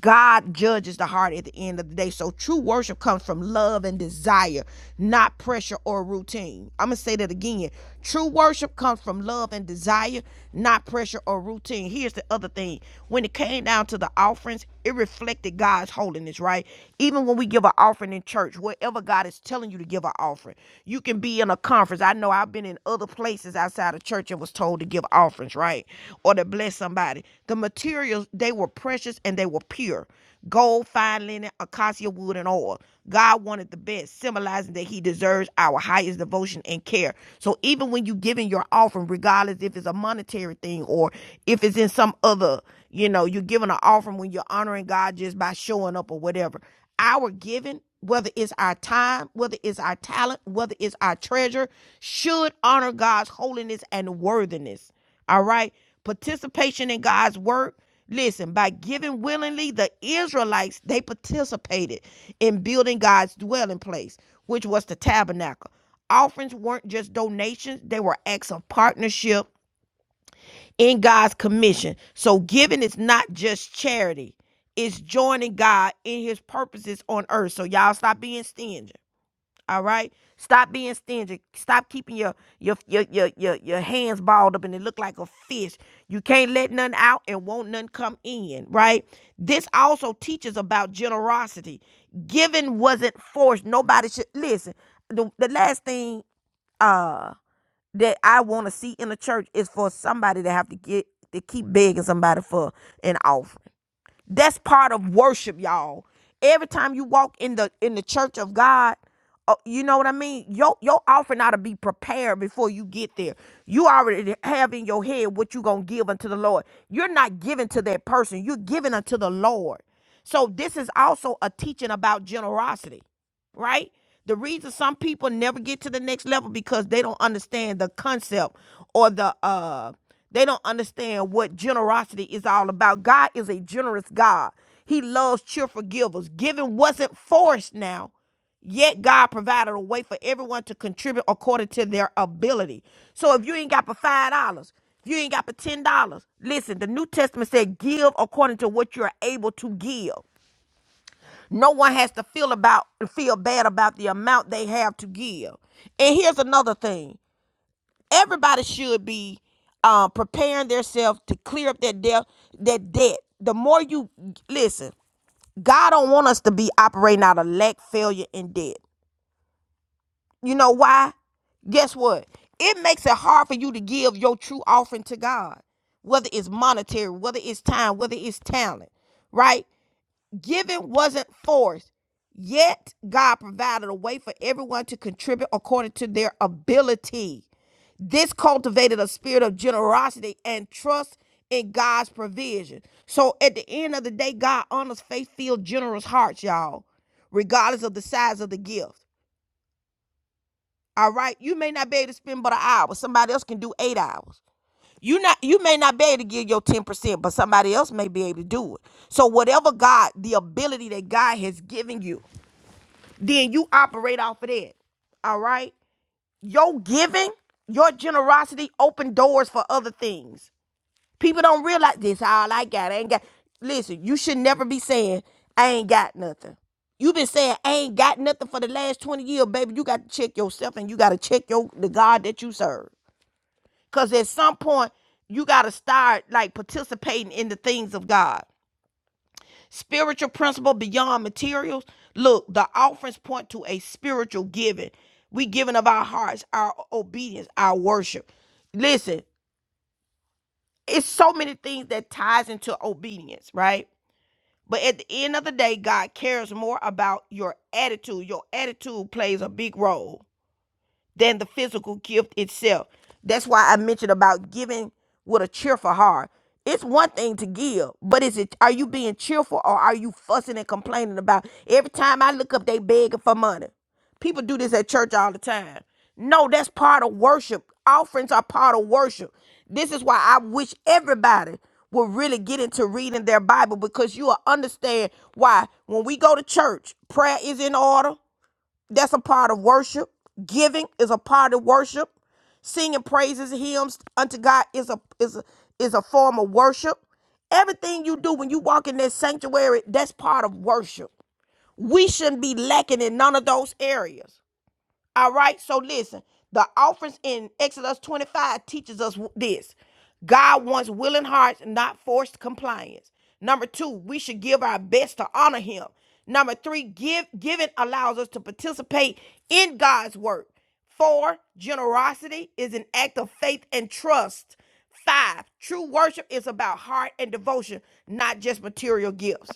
God judges the heart at the end of the day. So true worship comes from love and desire, not pressure or routine. I'm going to say that again. True worship comes from love and desire, not pressure or routine. Here's the other thing. When it came down to the offerings, it reflected God's holiness, right? Even when we give an offering in church, wherever God is telling you to give an offering, you can be in a conference. I know I've been in other places outside of church and was told to give offerings, right? Or to bless somebody. The materials, they were precious and they were pure. Gold, fine linen, acacia wood, and oil. God wanted the best, symbolizing that He deserves our highest devotion and care. So even when you giving your offering, regardless if it's a monetary thing or if it's in some other, you know, you're giving an offering when you're honoring God just by showing up or whatever our giving, whether it's our time, whether it's our talent, whether it's our treasure, should honor God's holiness and worthiness. All right? Participation in God's work. Listen, by giving willingly, the Israelites, they participated in building God's dwelling place, which was the tabernacle. Offerings weren't just donations, they were acts of partnership in God's commission. So giving is not just charity. It's joining God in his purposes on earth. So y'all stop being stingy. All right? Stop being stingy. Stop keeping your your your your your, your hands balled up and it look like a fish. You can't let none out and won't none come in, right? This also teaches about generosity. Giving wasn't forced. Nobody should listen. The, the last thing uh that I want to see in the church is for somebody to have to get to keep begging somebody for an offering. That's part of worship, y'all. Every time you walk in the in the church of God, uh, you know what I mean. Your your offering ought to be prepared before you get there. You already have in your head what you gonna give unto the Lord. You're not giving to that person. You're giving unto the Lord. So this is also a teaching about generosity right? The reason some people never get to the next level because they don't understand the concept or the uh they don't understand what generosity is all about. God is a generous God. He loves cheerful givers. Giving wasn't forced now. Yet God provided a way for everyone to contribute according to their ability. So if you ain't got for five dollars, if you ain't got for ten dollars, listen, the New Testament said give according to what you're able to give. No one has to feel about feel bad about the amount they have to give. And here's another thing: everybody should be um, preparing themselves to clear up their debt. Their debt. The more you listen, God don't want us to be operating out of lack, failure, and debt. You know why? Guess what? It makes it hard for you to give your true offering to God, whether it's monetary, whether it's time, whether it's talent, right? Giving wasn't forced, yet God provided a way for everyone to contribute according to their ability. This cultivated a spirit of generosity and trust in God's provision. So at the end of the day, God honors faith filled, generous hearts, y'all, regardless of the size of the gift. All right, you may not be able to spend but an hour. Somebody else can do eight hours. You not you may not be able to give your 10%, but somebody else may be able to do it. So whatever God, the ability that God has given you, then you operate off of that. All right? Your giving, your generosity open doors for other things. People don't realize this all I got. I ain't got listen, you should never be saying, I ain't got nothing. You've been saying I ain't got nothing for the last 20 years, baby. You got to check yourself and you got to check your the God that you serve. Cause at some point, you got to start like participating in the things of God spiritual principle beyond materials. Look, the offerings point to a spiritual giving. We giving of our hearts, our obedience, our worship. Listen, it's so many things that ties into obedience, right? But at the end of the day, God cares more about your attitude. Your attitude plays a big role than the physical gift itself. That's why I mentioned about giving with a cheerful heart. It's one thing to give, but is it are you being cheerful or are you fussing and complaining about every time I look up they begging for money? People do this at church all the time. No, that's part of worship. Offerings are part of worship. This is why I wish everybody will really get into reading their Bible because you will understand why when we go to church, prayer is in order, that's a part of worship. Giving is a part of worship. Singing praises, hymns unto God is a is a, is a form of worship. Everything you do when you walk in that sanctuary, that's part of worship. We shouldn't be lacking in none of those areas. All right, so listen, the offerings in Exodus 25 teaches us this God wants willing hearts, not forced compliance. Number two, we should give our best to honor Him. Number three, give, giving allows us to participate in God's work. Four, generosity is an act of faith and trust. Five, true worship is about heart and devotion, not just material gifts.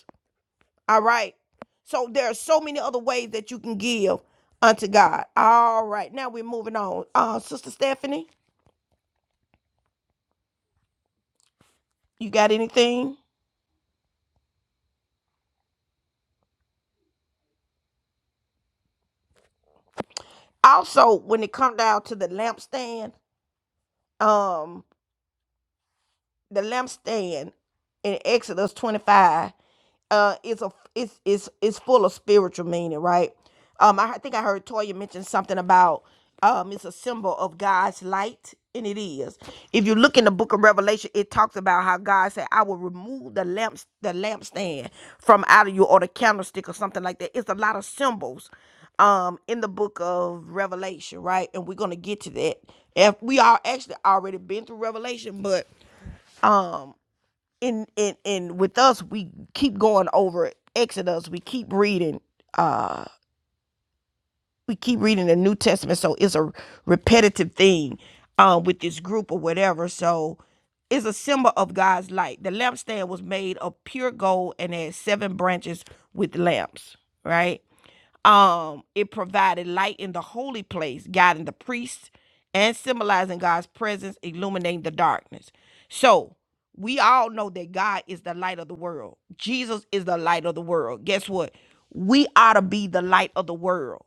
All right. So there are so many other ways that you can give unto God. All right. Now we're moving on. Uh, Sister Stephanie, you got anything? Also, when it comes down to the lampstand, um. the lampstand in Exodus 25 uh is a it's it's it's full of spiritual meaning, right? Um, I think I heard Toya mention something about um it's a symbol of God's light, and it is. If you look in the book of Revelation, it talks about how God said, I will remove the lamps, the lampstand from out of you or the candlestick or something like that. It's a lot of symbols um in the book of Revelation, right? And we're gonna get to that. If we are actually already been through Revelation, but um in in in with us we keep going over exodus we keep reading uh we keep reading the new testament so it's a repetitive thing um with this group or whatever so it's a symbol of god's light the lampstand was made of pure gold and had seven branches with lamps right um, it provided light in the holy place, guiding the priests and symbolizing God's presence, illuminating the darkness. So we all know that God is the light of the world. Jesus is the light of the world. Guess what? We ought to be the light of the world.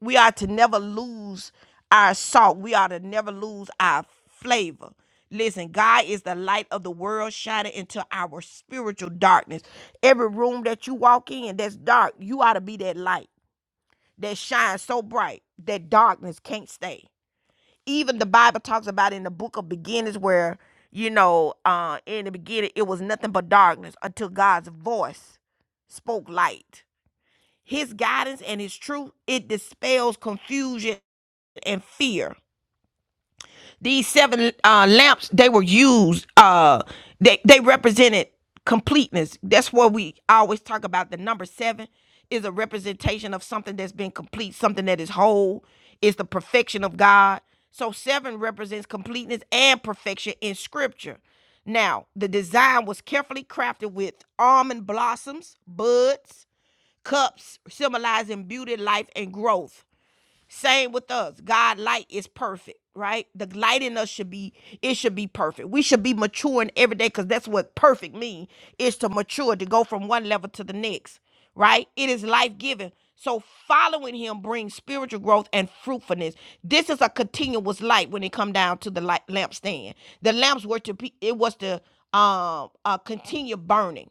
We ought to never lose our salt. We ought to never lose our flavor. Listen, God is the light of the world, shining into our spiritual darkness. Every room that you walk in that's dark, you ought to be that light that shines so bright that darkness can't stay. Even the Bible talks about in the book of beginnings where, you know, uh, in the beginning it was nothing but darkness until God's voice spoke light. His guidance and his truth, it dispels confusion and fear. These seven uh, lamps they were used. Uh, they they represented completeness. That's what we always talk about. The number seven is a representation of something that's been complete, something that is whole. It's the perfection of God. So seven represents completeness and perfection in Scripture. Now, the design was carefully crafted with almond blossoms, buds, cups, symbolizing beauty, life, and growth. Same with us. God light is perfect, right? The light in us should be it should be perfect. We should be maturing every day cuz that's what perfect means: is to mature, to go from one level to the next, right? It is life-giving. So following him brings spiritual growth and fruitfulness. This is a continuous light when it come down to the light lampstand. The lamps were to be it was to um uh continue burning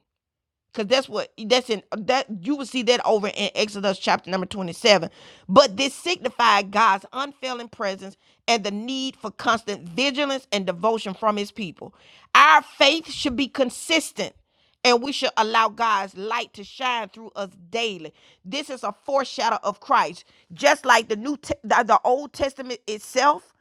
Cause that's what that's in that you will see that over in Exodus chapter number 27. But this signified God's unfailing presence and the need for constant vigilance and devotion from his people. Our faith should be consistent and we should allow God's light to shine through us daily. This is a foreshadow of Christ. Just like the new Te- the the Old Testament itself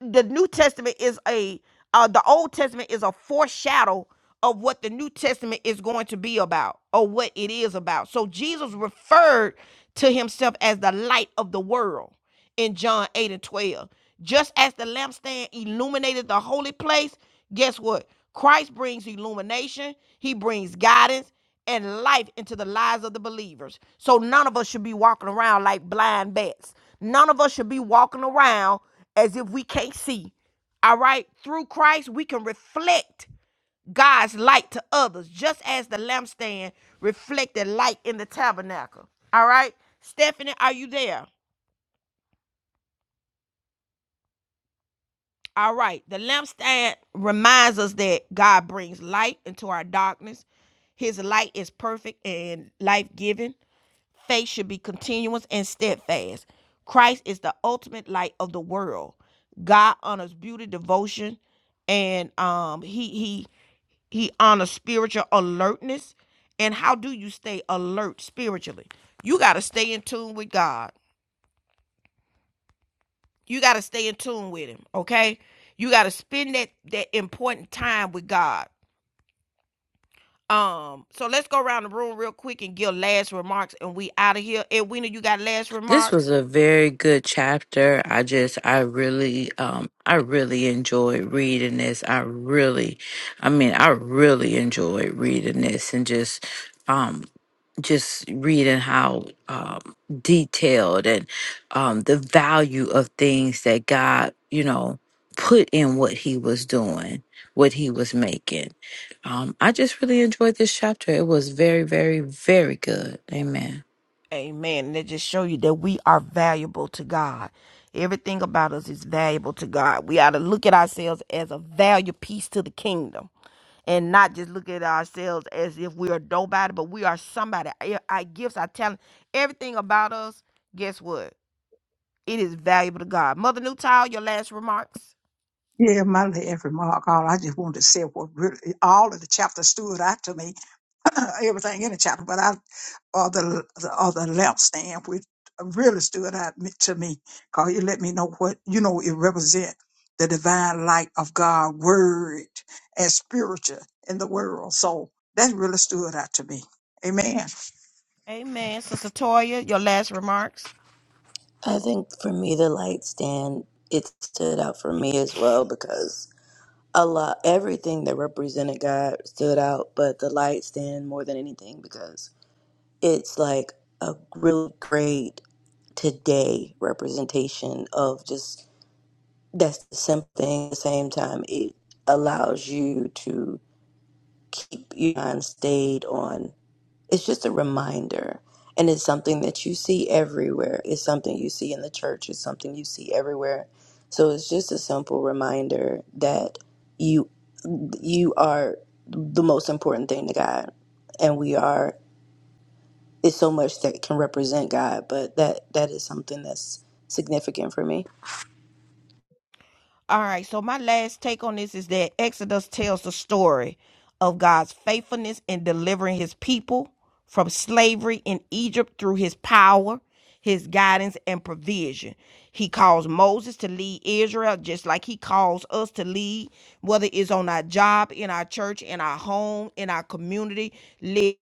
the New Testament is a uh, the Old Testament is a foreshadow of what the New Testament is going to be about or what it is about. So Jesus referred to himself as the light of the world in John 8 and 12. Just as the lampstand illuminated the holy place, guess what? Christ brings illumination, he brings guidance, and life into the lives of the believers. So none of us should be walking around like blind bats. None of us should be walking around as if we can't see. All right? Through Christ, we can reflect God's light to others, just as the lampstand reflected light in the tabernacle. All right? Stephanie, are you there? All right. The lampstand reminds us that God brings light into our darkness. His light is perfect and life giving. Faith should be continuous and steadfast. Christ is the ultimate light of the world. God honors beauty, devotion, and um, he he he honors spiritual alertness. And how do you stay alert spiritually? You got to stay in tune with God. You got to stay in tune with him, okay? You got to spend that that important time with God. Um, so let's go around the room real quick and give last remarks, and we out of here. Edwina, you got last This was remarks? a very good chapter. I just, I really, um, I really enjoyed reading this. I really, I mean, I really enjoyed reading this and just, um, just reading how um, detailed and um, the value of things that God, you know, put in what He was doing, what He was making. Um, I just really enjoyed this chapter. It was very, very, very good. Amen. Amen. And it just show you that we are valuable to God. Everything about us is valuable to God. We ought to look at ourselves as a value piece to the kingdom and not just look at ourselves as if we are nobody, but we are somebody. our gifts, our talent, everything about us, guess what? It is valuable to God. Mother Newtile, your last remarks. yeah my every mark all i just wanted to say what really all of the chapter stood out to me everything in the chapel, but I or the, the or the lampstand, which really stood out me- to me, cause it let me know what you know it represent the divine light of God, word and spiritual in the world. So that really stood out to me. Amen. Amen. Sister Toya, your last remarks. I think for me, the light stand, it stood out for me as well because a lot, everything that represented God stood out, but the light stand more than anything because it's like a really great today representation of just that's the same thing. At the same time, it allows you to keep your mind stayed on it's just a reminder and it's something that you see everywhere it's something you see in the church it's something you see everywhere so it's just a simple reminder that you you are the most important thing to god and we are it's so much that can represent god but that that is something that's significant for me All right. So my last take on this is that Exodus tells the story of God's faithfulness in delivering his people from slavery in Egypt through his power, his guidance, and provision. He calls Moses to lead Israel just like he calls us to lead, whether it's on our job, in our church, in our home, in our community. Lead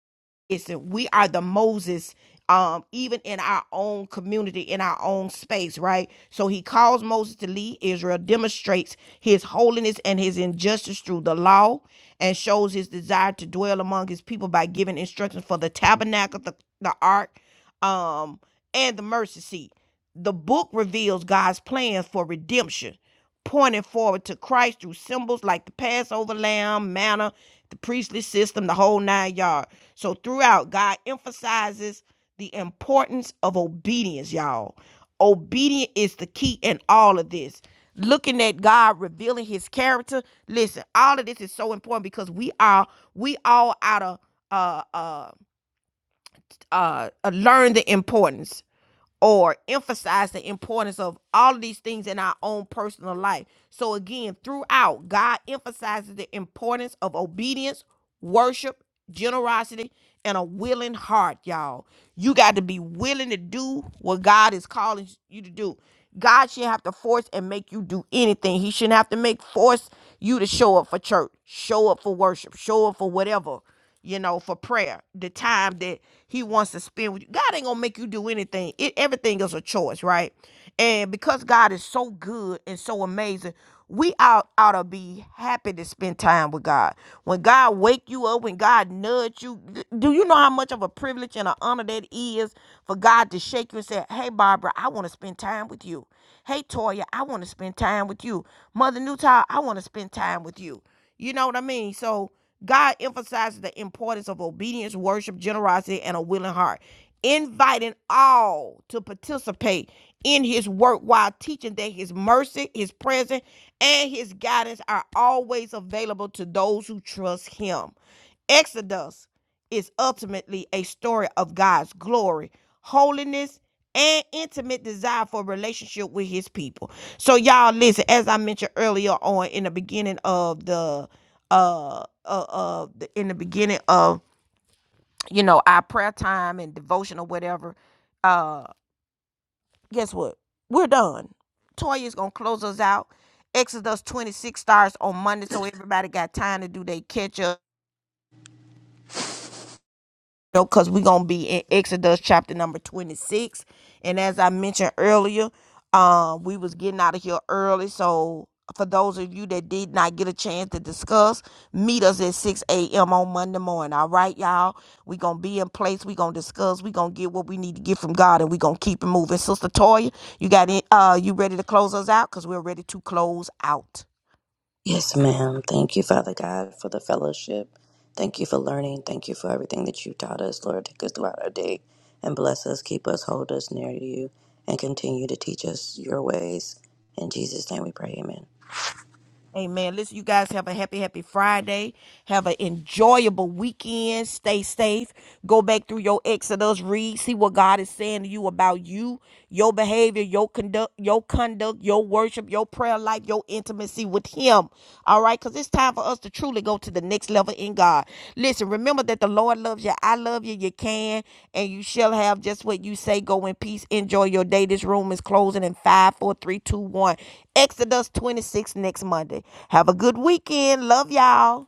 listen, we are the Moses, um, even in our own community, in our own space, right? So he calls Moses to lead Israel, demonstrates his holiness and his injustice through the law, and shows his desire to dwell among his people by giving instructions for the tabernacle, the, the ark um, and the mercy seat. The book reveals God's plans for redemption, pointing forward to Christ through symbols like the Passover lamb, manna, the priestly system, the whole nine yard. So throughout, God emphasizes the importance of obedience, y'all. Obedience is the key in all of this. Looking at God revealing his character. Listen, all of this is so important because we are we all out of uh uh uh, uh, learn the importance or emphasize the importance of all of these things in our own personal life. So again, throughout, God emphasizes the importance of obedience, worship, generosity, and a willing heart, y'all. You got to be willing to do what God is calling you to do. God shouldn't have to force and make you do anything. He shouldn't have to make force you to show up for church, show up for worship, show up for whatever you know, for prayer, the time that he wants to spend with you. God ain't gonna make you do anything. It everything is a choice, right? And because God is so good and so amazing, we ought, ought to be happy to spend time with God. When God wake you up, when God nudge you, d- do you know how much of a privilege and an honor that is for God to shake you and say, Hey Barbara, I want to spend time with you. Hey Toya, I want to spend time with you. Mother Newtile, I want to spend time with you. You know what I mean? So God emphasizes the importance of obedience, worship, generosity, and a willing heart, inviting all to participate in his work while teaching that his mercy, his presence, and his guidance are always available to those who trust him. Exodus is ultimately a story of God's glory, holiness, and intimate desire for a relationship with his people. So y'all listen, as I mentioned earlier on in the beginning of the uh uh, uh the, in the beginning of you know our prayer time and devotion or whatever, uh guess what? We're done. Toya's gonna close us out. Exodus 26 starts on Monday, so everybody got time to do their catch up. know, because we're gonna be in Exodus chapter number 26. And as I mentioned earlier, um, we was getting out of here early. So for those of you that did not get a chance to discuss, meet us at 6 a.m. on Monday morning. All right, y'all. we gonna be in place, we gonna discuss, we gonna get what we need to get from God, and we gonna keep it moving. Sister Toya, you got it uh you ready to close us out? Cause we're ready to close out. Yes, ma'am. Thank you, Father God, for the fellowship. Thank you for learning. Thank you for everything that you taught us, Lord. Take us throughout our day and bless us, keep us, hold us near to you, and continue to teach us your ways. In Jesus' name we pray, amen. Amen. Listen, you guys have a happy, happy Friday. Have an enjoyable weekend. Stay safe. Go back through your Exodus. Read. See what God is saying to you about you, your behavior, your conduct, your conduct, your worship, your prayer life, your intimacy with Him. All right. because because it's time for us to truly go to the next level in God. Listen, remember that the Lord loves you. I love you. You can and you shall have just what you say. Go in peace. Enjoy your day. This room is closing in five, four, three, two, one. Exodus 26 next Monday. Have a good weekend. Love y'all.